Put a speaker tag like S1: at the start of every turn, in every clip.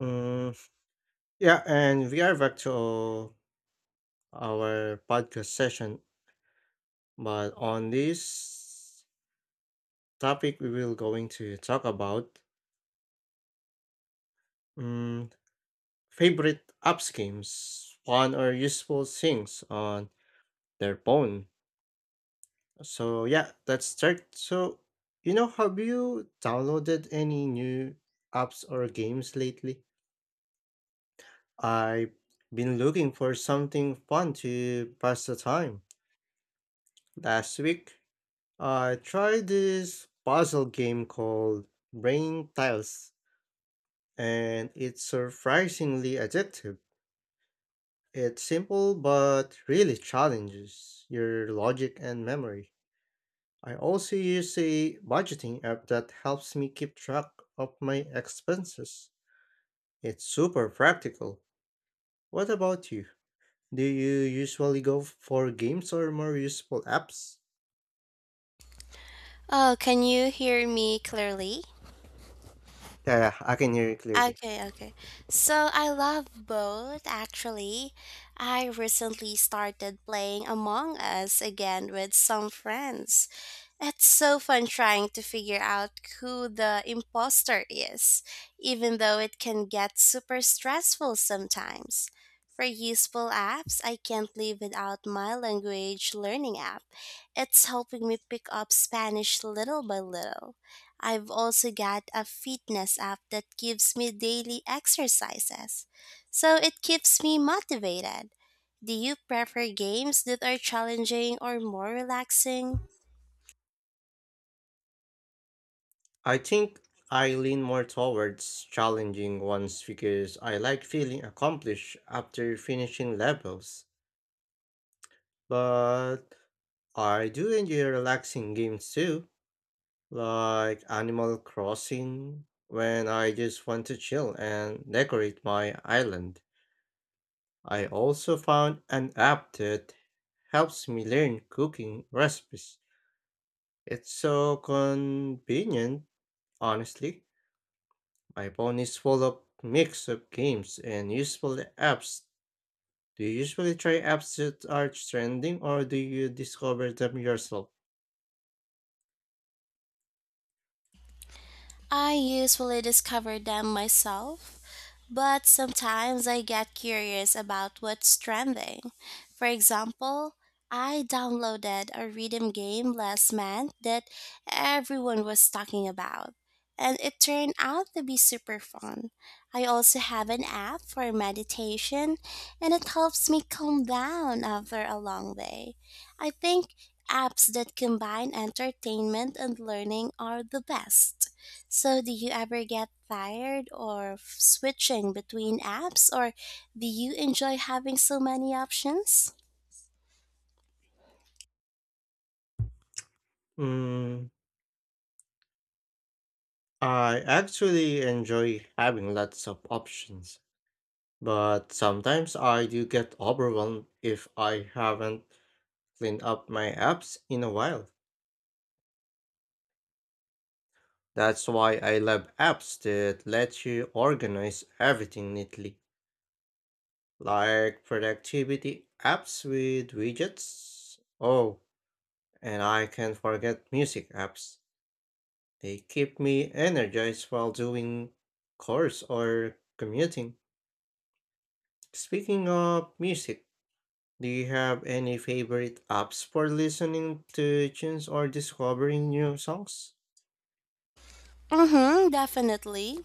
S1: Mm, yeah, and we are back to our podcast session. But on this topic, we will going to talk about mm, favorite apps games, fun or useful things on their phone. So yeah, let's start. So have you downloaded any new apps or games lately? I've been looking for something fun to pass the time. Last week, I tried this puzzle game called Brain Tiles, and it's surprisingly addictive. It's simple but really challenges your logic and memory. I also use a budgeting app that helps me keep track of my expenses. It's super practical. What about you? Do you usually go for games or more useful apps?
S2: Oh, can you hear me clearly?
S1: Yeah, I can hear you clearly.
S2: Okay, okay. So I love both actually. I recently started playing Among Us again with some friends. It's so fun trying to figure out who the imposter is, even though it can get super stressful sometimes. For useful apps, I can't live without my language learning app. It's helping me pick up Spanish little by little. I've also got a fitness app that gives me daily exercises, so it keeps me motivated. Do you prefer games that are challenging or more relaxing?
S1: I think I lean more towards challenging ones because I like feeling accomplished after finishing levels. But I do enjoy relaxing games too, like Animal Crossing, when I just want to chill and decorate my island. I also found an app that helps me learn cooking recipes. It's so convenient, honestly. My phone is full of mix of games and useful apps. Do you usually try apps that are trending or do you discover them yourself?
S2: I usually discover them myself, but sometimes I get curious about what's trending. For example, I downloaded a rhythm game last month that everyone was talking about, and it turned out to be super fun. I also have an app for meditation, and it helps me calm down after a long day. I think apps that combine entertainment and learning are the best. So, do you ever get tired or switching between apps, or do you enjoy having so many options?
S1: Mm, I actually enjoy having lots of options, but sometimes I do get overwhelmed if I haven't cleaned up my apps in a while. That's why I love apps that let you organize everything neatly, like productivity apps with widgets. Oh, and I can't forget music apps. They keep me energized while doing chores or commuting. Speaking of music, do you have any favorite apps for listening to tunes or discovering new songs?
S2: Mm-hmm, definitely.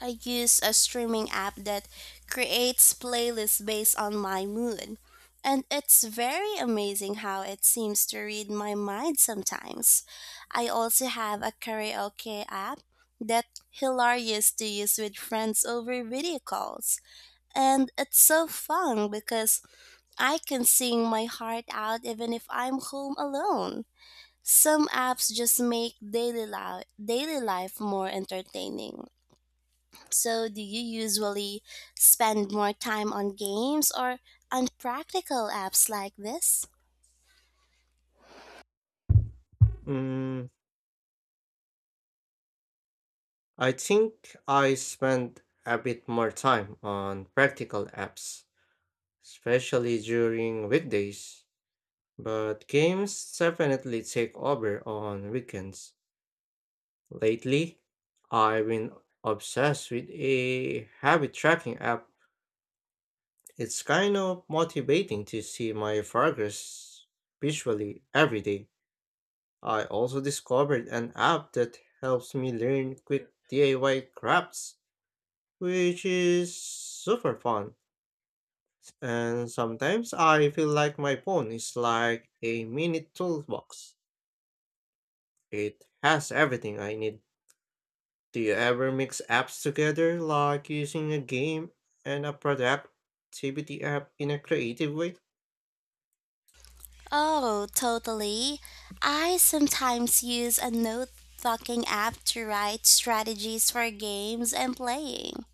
S2: I use a streaming app that creates playlists based on my mood. And it's very amazing how it seems to read my mind sometimes. I also have a karaoke app that hilarious to use with friends over video calls. And it's so fun because I can sing my heart out even if I'm home alone. Some apps just make daily life more entertaining. So, do you usually spend more time on games or on practical apps like this?
S1: Mm, I think I spend a bit more time on practical apps, especially during weekdays, but games definitely take over on weekends. Lately, I've been obsessed with a habit tracking app. It's kind of motivating to see my progress visually every day. I also discovered an app that helps me learn quick DIY crafts, which is super fun. And sometimes I feel like my phone is like a mini toolbox. It has everything I need. Do you ever mix apps together, like using a game and a productivity app in a creative way?
S2: Oh, totally. I sometimes use a note talking app to write strategies for games I'm playing.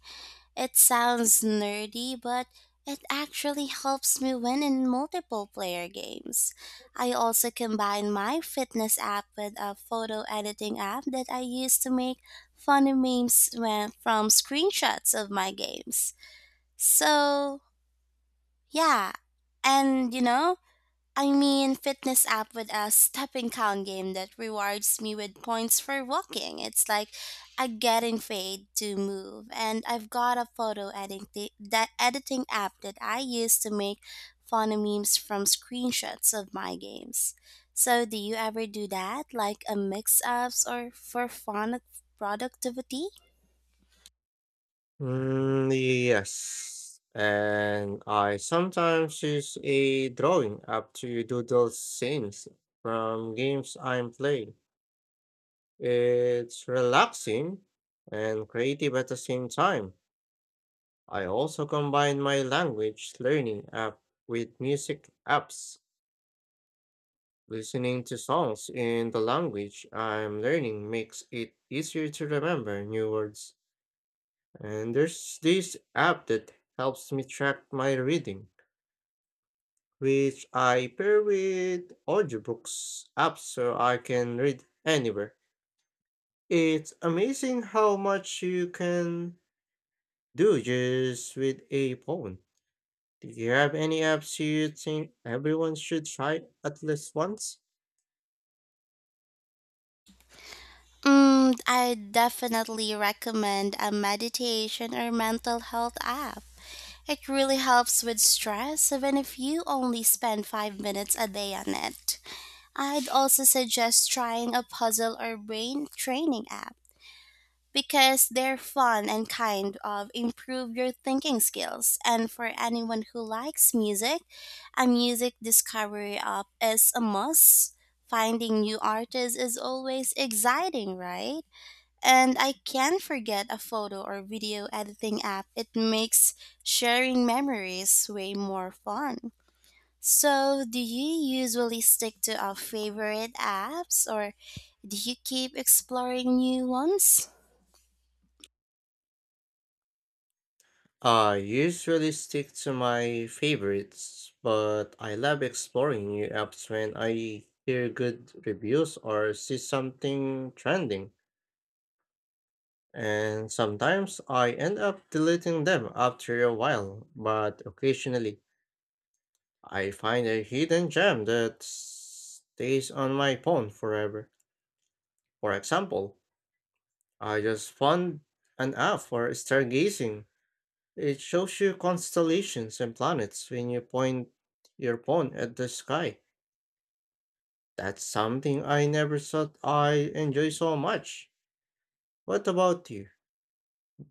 S2: It sounds nerdy, but it actually helps me win in multiple player games. I also combine my fitness app with a photo editing app that I use to make funny memes from screenshots of my games. So, yeah. And I mean, fitness app with a stepping count game that rewards me with points for walking. It's like I getting paid to move. And I've got a photo editing that editing app that I use to make funny memes from screenshots of my games. So, do you ever do that, like a mix ups or for fun productivity?
S1: Mm, yes. And I sometimes use a drawing app to doodle scenes from games I'm playing. It's relaxing and creative at the same time. I also combine my language learning app with music apps. Listening to songs in the language I'm learning makes it easier to remember new words. And there's this app that helps me track my reading, which I pair with audiobooks apps so I can read anywhere. It's amazing how much you can do just with a phone. Do you have any apps you think everyone should try at least once?
S2: Mm, I definitely recommend a meditation or mental health app. It really helps with stress, even if you only spend 5 minutes a day on it. I'd also suggest trying a puzzle or brain training app because they're fun and kind of improve your thinking skills. And for anyone who likes music, a music discovery app is a must. Finding new artists is always exciting, right? And I can't forget a photo or video editing app. It makes sharing memories way more fun. So, do you usually stick to our favorite apps or do you keep exploring new ones?
S1: I usually stick to my favorites, but I love exploring new apps when I hear good reviews or see something trending. And sometimes I end up deleting them after a while, but occasionally I find a hidden gem that stays on my phone forever. For example, I just found an app for stargazing. It shows you constellations and planets when you point your phone at the sky. That's something I never thought I enjoy so much. What about you?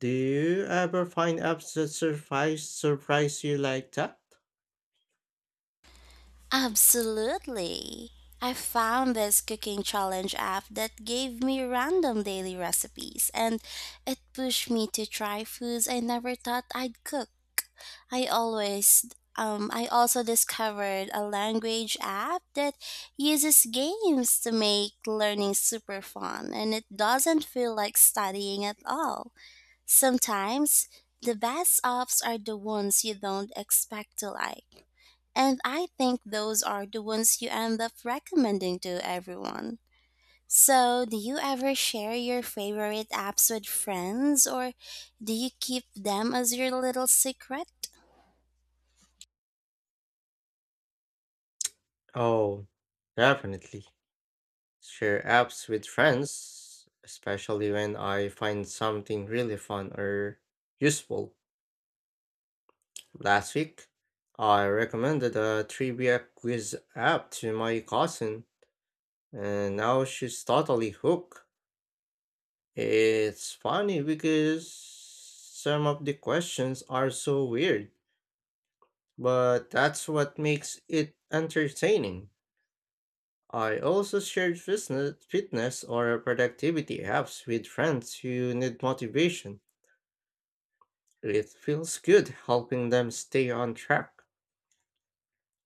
S1: Do you ever find apps that surprise you like that?
S2: Absolutely. I found this cooking challenge app that gave me random daily recipes and it pushed me to try foods I never thought I'd cook. I always I also discovered a language app that uses games to make learning super fun and it doesn't feel like studying at all. Sometimes the best apps are the ones you don't expect to like. And I think those are the ones you end up recommending to everyone. So, do you ever share your favorite apps with friends or do you keep them as your little secret?
S1: Oh, definitely. Share apps with friends, especially when I find something really fun or useful. Last week, I recommended a trivia quiz app to my cousin. And now she's totally hooked. It's funny because some of the questions are so weird, but that's what makes it entertaining. I also shared fitness or productivity apps with friends who need motivation. It feels good helping them stay on track.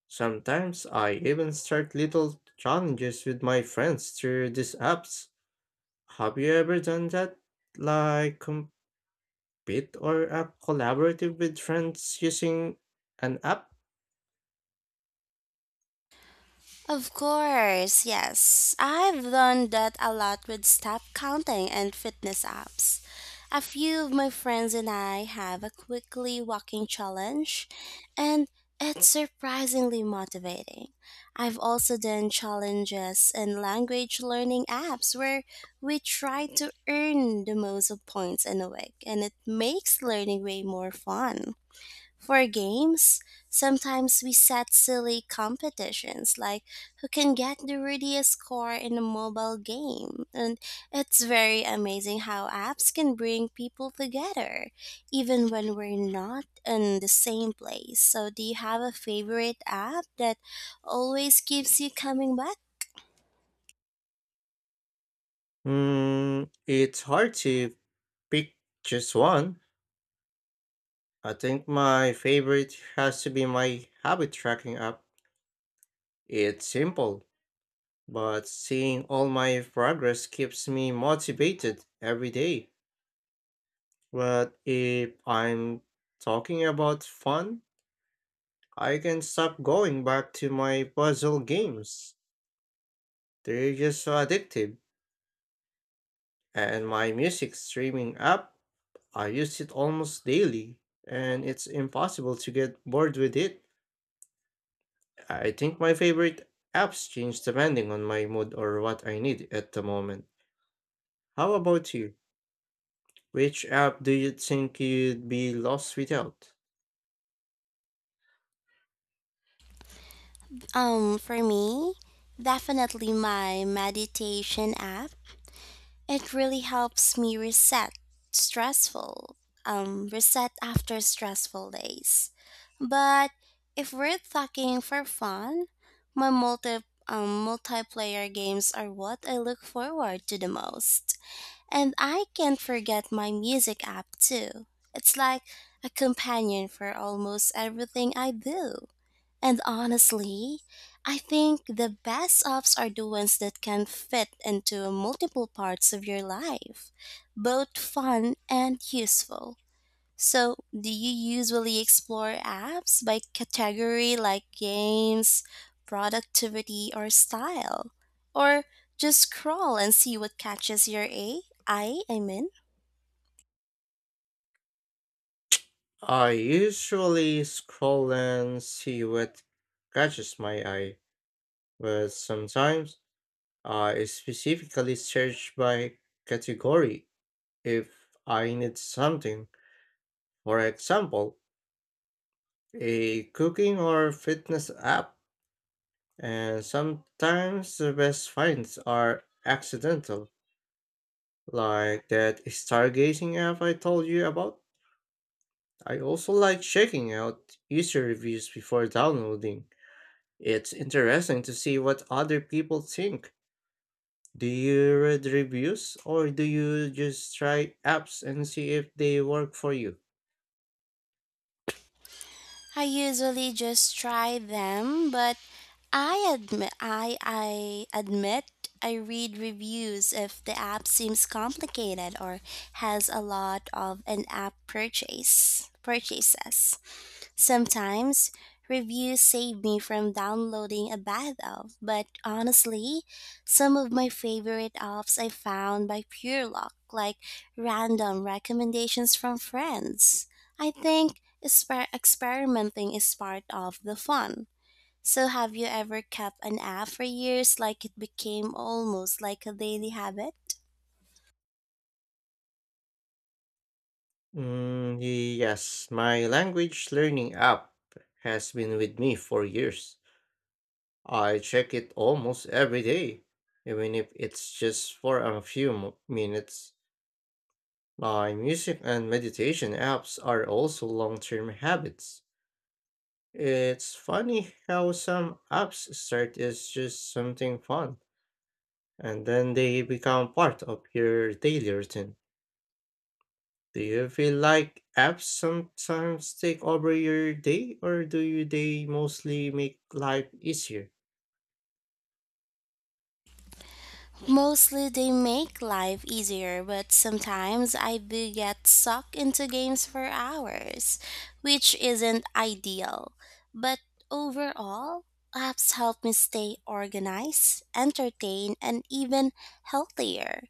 S1: Sometimes I even start little challenges with my friends through these apps. Have you ever done that? Like, bit or a collaborative with friends using an app?
S2: Of course, yes. I've done that a lot with step counting and fitness apps. A few of my friends and I have a quickly walking challenge, and it's surprisingly motivating. I've also done challenges in language learning apps where we try to earn the most of points in a week, and it makes learning way more fun. For games, sometimes we set silly competitions like who can get the readiest score in a mobile game. And it's very amazing how apps can bring people together, even when we're not in the same place. So, do you have a favorite app that always keeps you coming back?
S1: It's hard to pick just one. I think my favorite has to be my habit tracking app. It's simple, but seeing all my progress keeps me motivated every day. But if I'm talking about fun, I can stop going back to my puzzle games. They're just so addictive and my music streaming app. I use it almost daily, and it's impossible to get bored with it. I think my favorite apps change depending on my mood or what I need at the moment. How about you? Which app do you think you'd be lost without?
S2: For me, definitely my meditation app. It really helps me reset stressful, reset after stressful days. But if we're talking for fun, my multiplayer games are what I look forward to the most. And I can't forget my music app too. It's like a companion for almost everything I do. And honestly, I think the best ups are the ones that can fit into multiple parts of your life, both fun and useful. So, do you usually explore apps by category like games, productivity, or style? Or just scroll and see what catches your eye? I mean,
S1: I usually scroll and see what catches my eye, but sometimes I specifically search by category if I need something. For example, a cooking or fitness app, and sometimes the best finds are accidental, like that stargazing app I told you about. I also like checking out user reviews before downloading. It's interesting to see what other people think. Do you read reviews or do you just try apps and see if they work for you?
S2: I usually just try them, but I admit I read reviews if the app seems complicated or has a lot of in-app purchases. Sometimes reviews save me from downloading a bad app, but honestly, some of my favorite apps I found by pure luck, like random recommendations from friends. I think experimenting is part of the fun. So, have you ever kept an app for years like it became almost like a daily habit?
S1: Mm, yes, my language learning app has been with me for years. I check it almost every day, even if it's just for a few minutes. My music and meditation apps are also long term habits. It's funny how some apps start as just something fun and then they become part of your daily routine. Do you feel like apps sometimes take over your day or do you they mostly make life easier?
S2: Mostly they make life easier, but sometimes I do get sucked into games for hours, which isn't ideal. But overall, apps help me stay organized, entertained, and even healthier.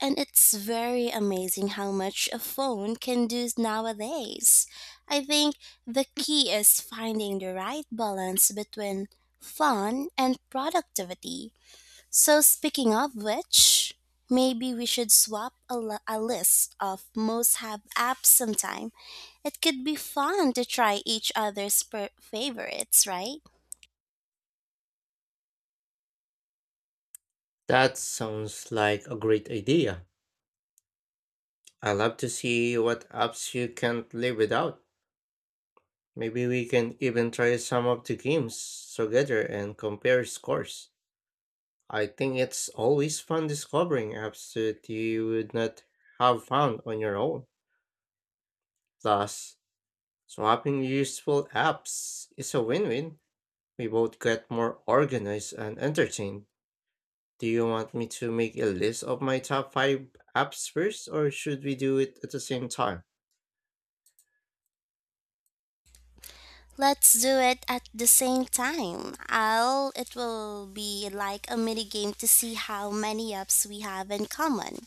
S2: And it's very amazing how much a phone can do nowadays. I think the key is finding the right balance between fun and productivity. So, speaking of which, maybe we should swap a list of most have apps sometime. It could be fun to try each other's favorites, right?
S1: That sounds like a great idea. I love to see what apps you can't live without. Maybe we can even try some of the games together and compare scores. I think it's always fun discovering apps that you would not have found on your own. Plus, swapping useful apps is a win win. We both get more organized and entertained. Do you want me to make a list of my top 5 apps first, or should we do it at the same time?
S2: Let's do it at the same time. I'll it will be like a mini game to see how many apps we have in common.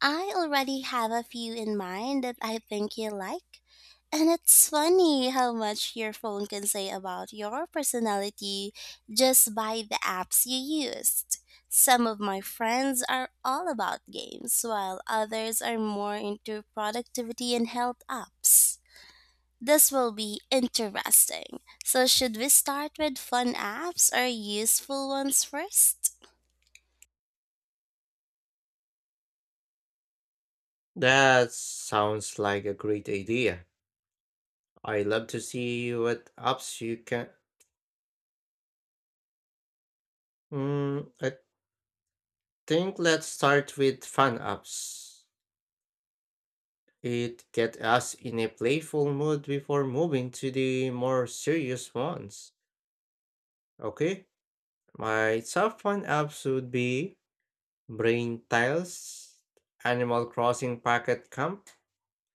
S2: I already have a few in mind that I think you like. And it's funny how much your phone can say about your personality just by the apps you used. Some of my friends are all about games, while others are more into productivity and health apps. This will be interesting. So, should we start with fun apps or useful ones first?
S1: That sounds like a great idea. I love to see what apps you can. I think let's start with fun apps. It get us in a playful mood before moving to the more serious ones. Okay, my top fun apps would be Brain Tiles, Animal Crossing Pocket Camp,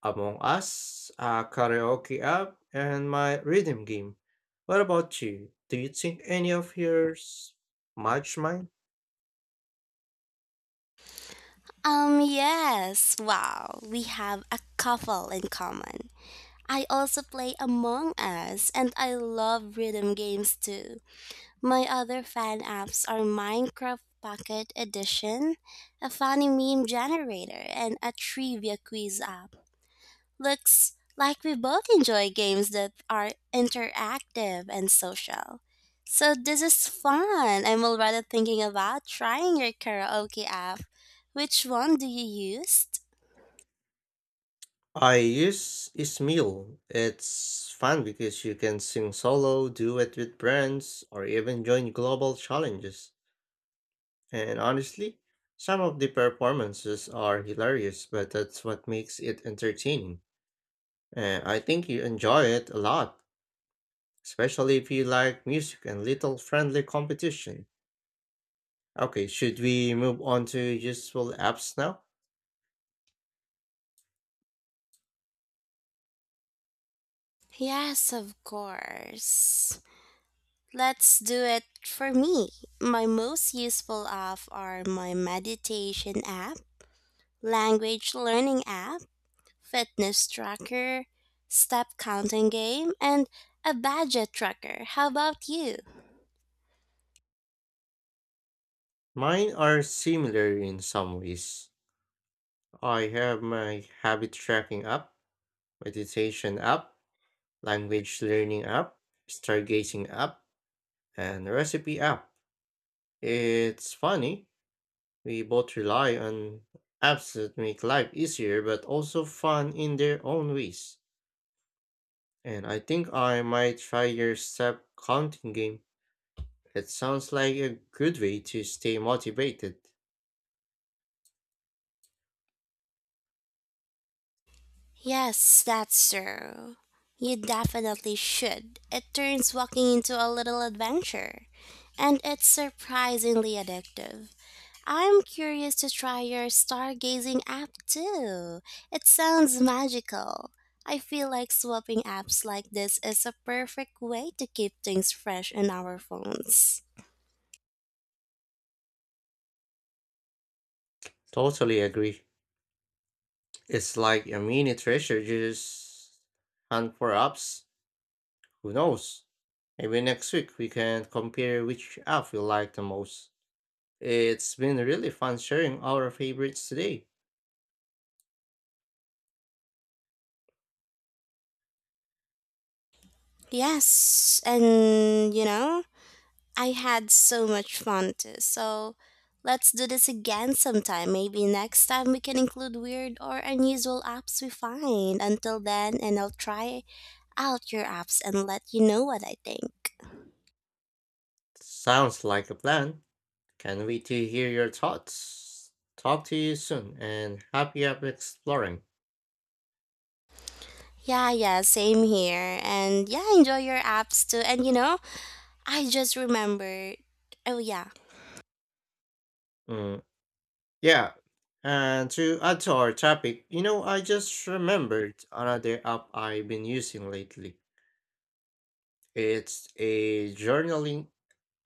S1: Among Us, a karaoke app, and my rhythm game. What about you? Do you think any of yours match mine?
S2: Yes. Wow, we have a couple in common. I also play Among Us and I love rhythm games too. My other fan apps are Minecraft Pocket Edition, a funny meme generator, and a trivia quiz app. Looks like we both enjoy games that are interactive and social. So this is fun. I'm already thinking about trying your karaoke app. Which one do you use?
S1: I use Ismeel. It's fun because you can sing solo, duet with brands, or even join global challenges. And honestly, some of the performances are hilarious, but that's what makes it entertaining. And I think you enjoy it a lot, especially if you like music and little friendly competition. Okay, should we move on to useful apps now?
S2: Yes, of course. Let's do it for me. My most useful app are my meditation app, language learning app, fitness tracker, step counting game, and a budget tracker. How about you?
S1: Mine are similar in some ways. I have my habit tracking app, meditation app, language learning app, stargazing app, and recipe app. It's funny, we both rely on apps that make life easier but also fun in their own ways. And I think I might try your step counting game. It sounds like a good way to stay motivated.
S2: Yes, that's true. You definitely should. It turns walking into a little adventure, and it's surprisingly addictive. I'm curious to try your stargazing app too. It sounds magical. I feel like swapping apps like this is a perfect way to keep things fresh in our phones.
S1: Totally agree. It's like a mini treasure just hunt for apps. Who knows? Maybe next week we can compare which app we like the most. It's been really fun sharing our favorites today.
S2: Yes, and I had so much fun too. So let's do this again sometime. Maybe next time we can include weird or unusual apps we find. Until then, and I'll try out your apps and let you know what I think.
S1: Sounds like a plan. Can't wait to hear your thoughts. Talk to you soon and happy app exploring.
S2: Yeah, yeah, same here. And yeah, enjoy your apps too. And you know, I just remembered. Oh, yeah.
S1: Mm, yeah. And to add to our topic, I just remembered another app I've been using lately. It's a journaling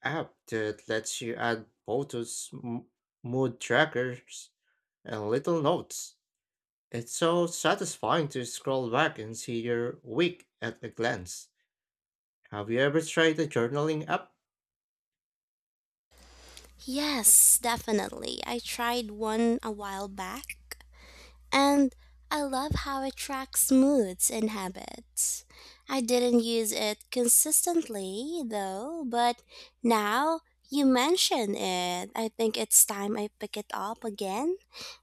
S1: app that lets you add photos, mood trackers, and little notes. It's so satisfying to scroll back and see your week at a glance. Have you ever tried a journaling app?
S2: Yes, definitely. I tried one a while back. And I love how it tracks moods and habits. I didn't use it consistently though, but now you mention it, I think it's time I pick it up again.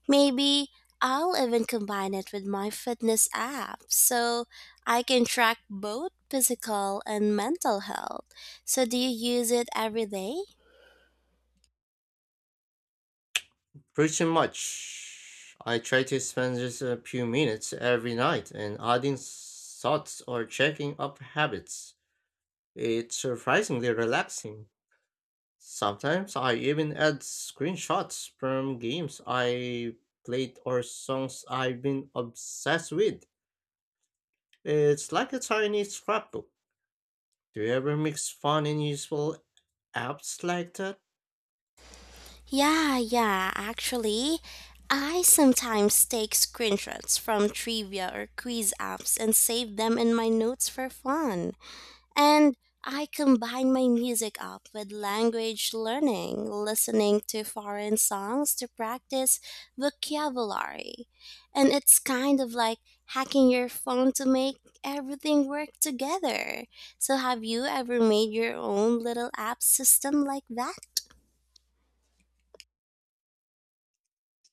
S2: Maybe I'll even combine it with my fitness app so I can track both physical and mental health. So, do you use it every day?
S1: Pretty much. I try to spend just a few minutes every night and adding thoughts or checking up habits. It's surprisingly relaxing. Sometimes I even add screenshots from games I played or songs I've been obsessed with. It's like a tiny scrapbook. Do you ever mix fun and useful apps like that?
S2: Yeah, yeah, actually, I sometimes take screenshots from trivia or quiz apps and save them in my notes for fun. And I combine my music app with language learning, listening to foreign songs to practice vocabulary. And it's kind of like hacking your phone to make everything work together. So, have you ever made your own little app system like that?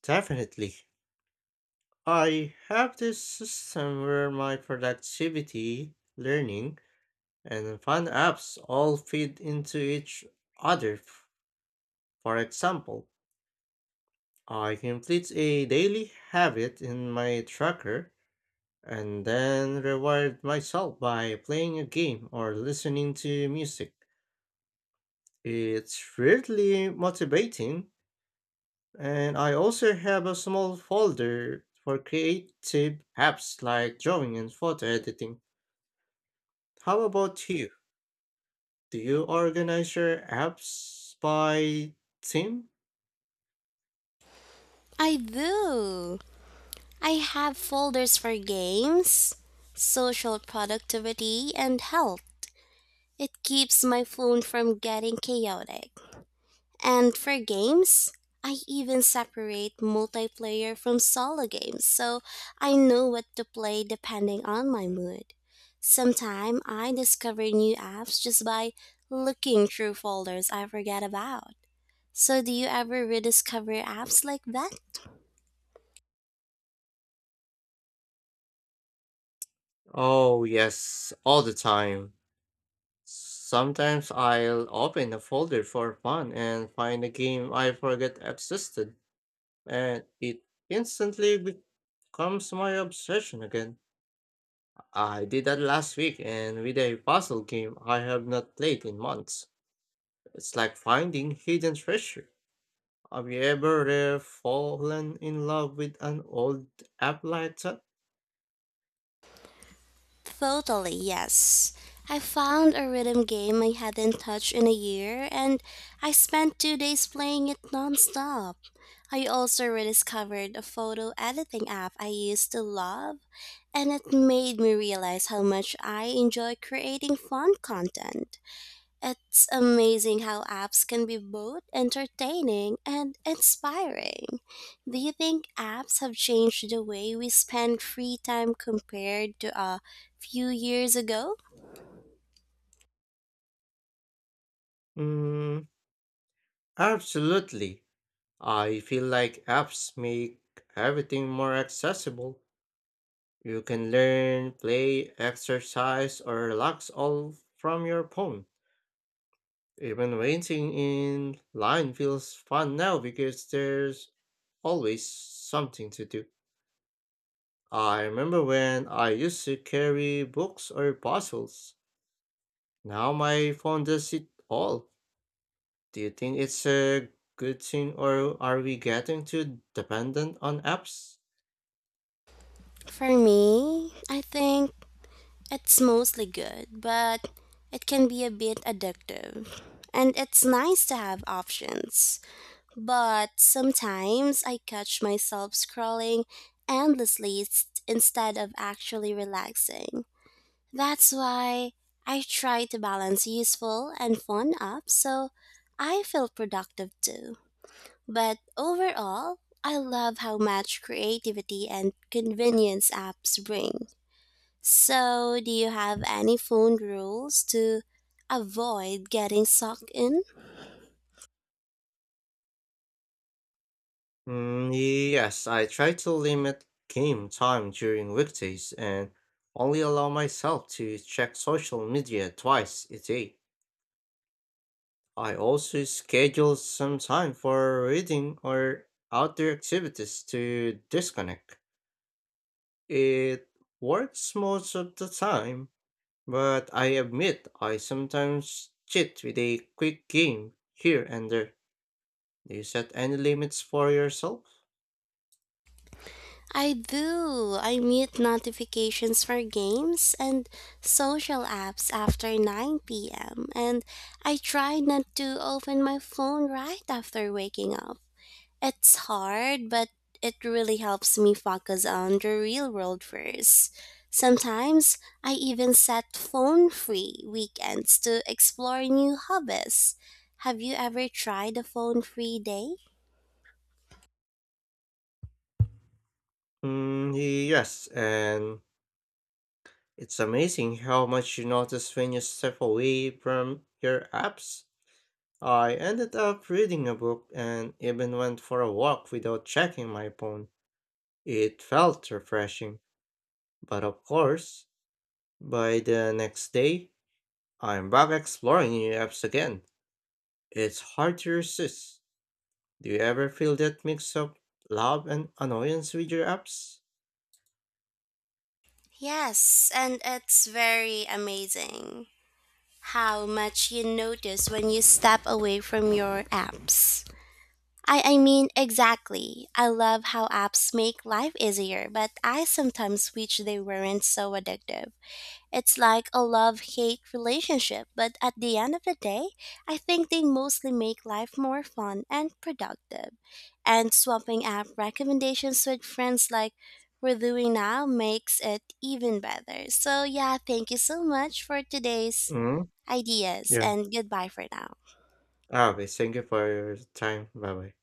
S1: Definitely. I have this system where my productivity, learning, and fun apps all feed into each other. For example, I complete a daily habit in my tracker and then reward myself by playing a game or listening to music. It's really motivating, and I also have a small folder for creative apps like drawing and photo editing. How about you? Do you organize your apps by theme?
S2: I do. I have folders for games, social productivity, and health. It keeps my phone from getting chaotic. And for games, I even separate multiplayer from solo games so I know what to play depending on my mood. Sometimes I discover new apps just by looking through folders I forget about. So, do you ever rediscover apps like that?
S1: Oh, yes, all the time. Sometimes I'll open a folder for fun and find a game I forgot existed, and it instantly becomes my obsession again. I did that last week, and with a puzzle game I have not played in months. It's like finding hidden treasure. Have you ever fallen in love with an old app like that?
S2: Totally, yes. I found a rhythm game I hadn't touched in a year, and I spent 2 days playing it nonstop. I also rediscovered a photo editing app I used to love, and it made me realize how much I enjoy creating fun content. It's amazing how apps can be both entertaining and inspiring. Do you think apps have changed the way we spend free time compared to a few years ago?
S1: Mm, absolutely. I feel like apps make everything more accessible. You can learn, play, exercise, or relax all from your phone. Even waiting in line feels fun now because there's always something to do. I remember when I used to carry books or puzzles. Now my phone does it all. Do you think it's a good thing or are we getting too dependent on apps?
S2: For me, I think it's mostly good, but it can be a bit addictive. And it's nice to have options. But sometimes I catch myself scrolling endlessly instead of actually relaxing. That's why I try to balance useful and fun up so I feel productive too. But overall, I love how much creativity and convenience apps bring. So, do you have any phone rules to avoid getting sucked in?
S1: Mm, yes, I try to limit game time during weekdays and only allow myself to check social media twice a day. I also schedule some time for reading or outdoor activities to disconnect. It works most of the time, but I admit I sometimes cheat with a quick game here and there. Do you set any limits for yourself?
S2: I do. I mute notifications for games and social apps after 9 p.m. and I try not to open my phone right after waking up. It's hard, but it really helps me focus on the real world first. Sometimes I even set phone free weekends to explore new hobbies. Have you ever tried a phone free day?
S1: Mm, yes, and it's amazing how much you notice when you step away from your apps. I ended up reading a book and even went for a walk without checking my phone. It felt refreshing, but of course, by the next day, I'm back exploring new apps again. It's hard to resist. Do you ever feel that mix of love and annoyance with your apps?
S2: Yes, and it's very amazing how much you notice when you step away from your apps. I mean, exactly. I love how apps make life easier, but I sometimes wish they weren't so addictive. It's like a love hate relationship, but at the end of the day, I think they mostly make life more fun and productive. And swapping app recommendations with friends like we're doing now makes it even better. So, yeah, thank you so much for today's
S1: Mm,
S2: ideas,
S1: yeah.
S2: and goodbye for now.
S1: Okay, thank you for your time. Bye bye.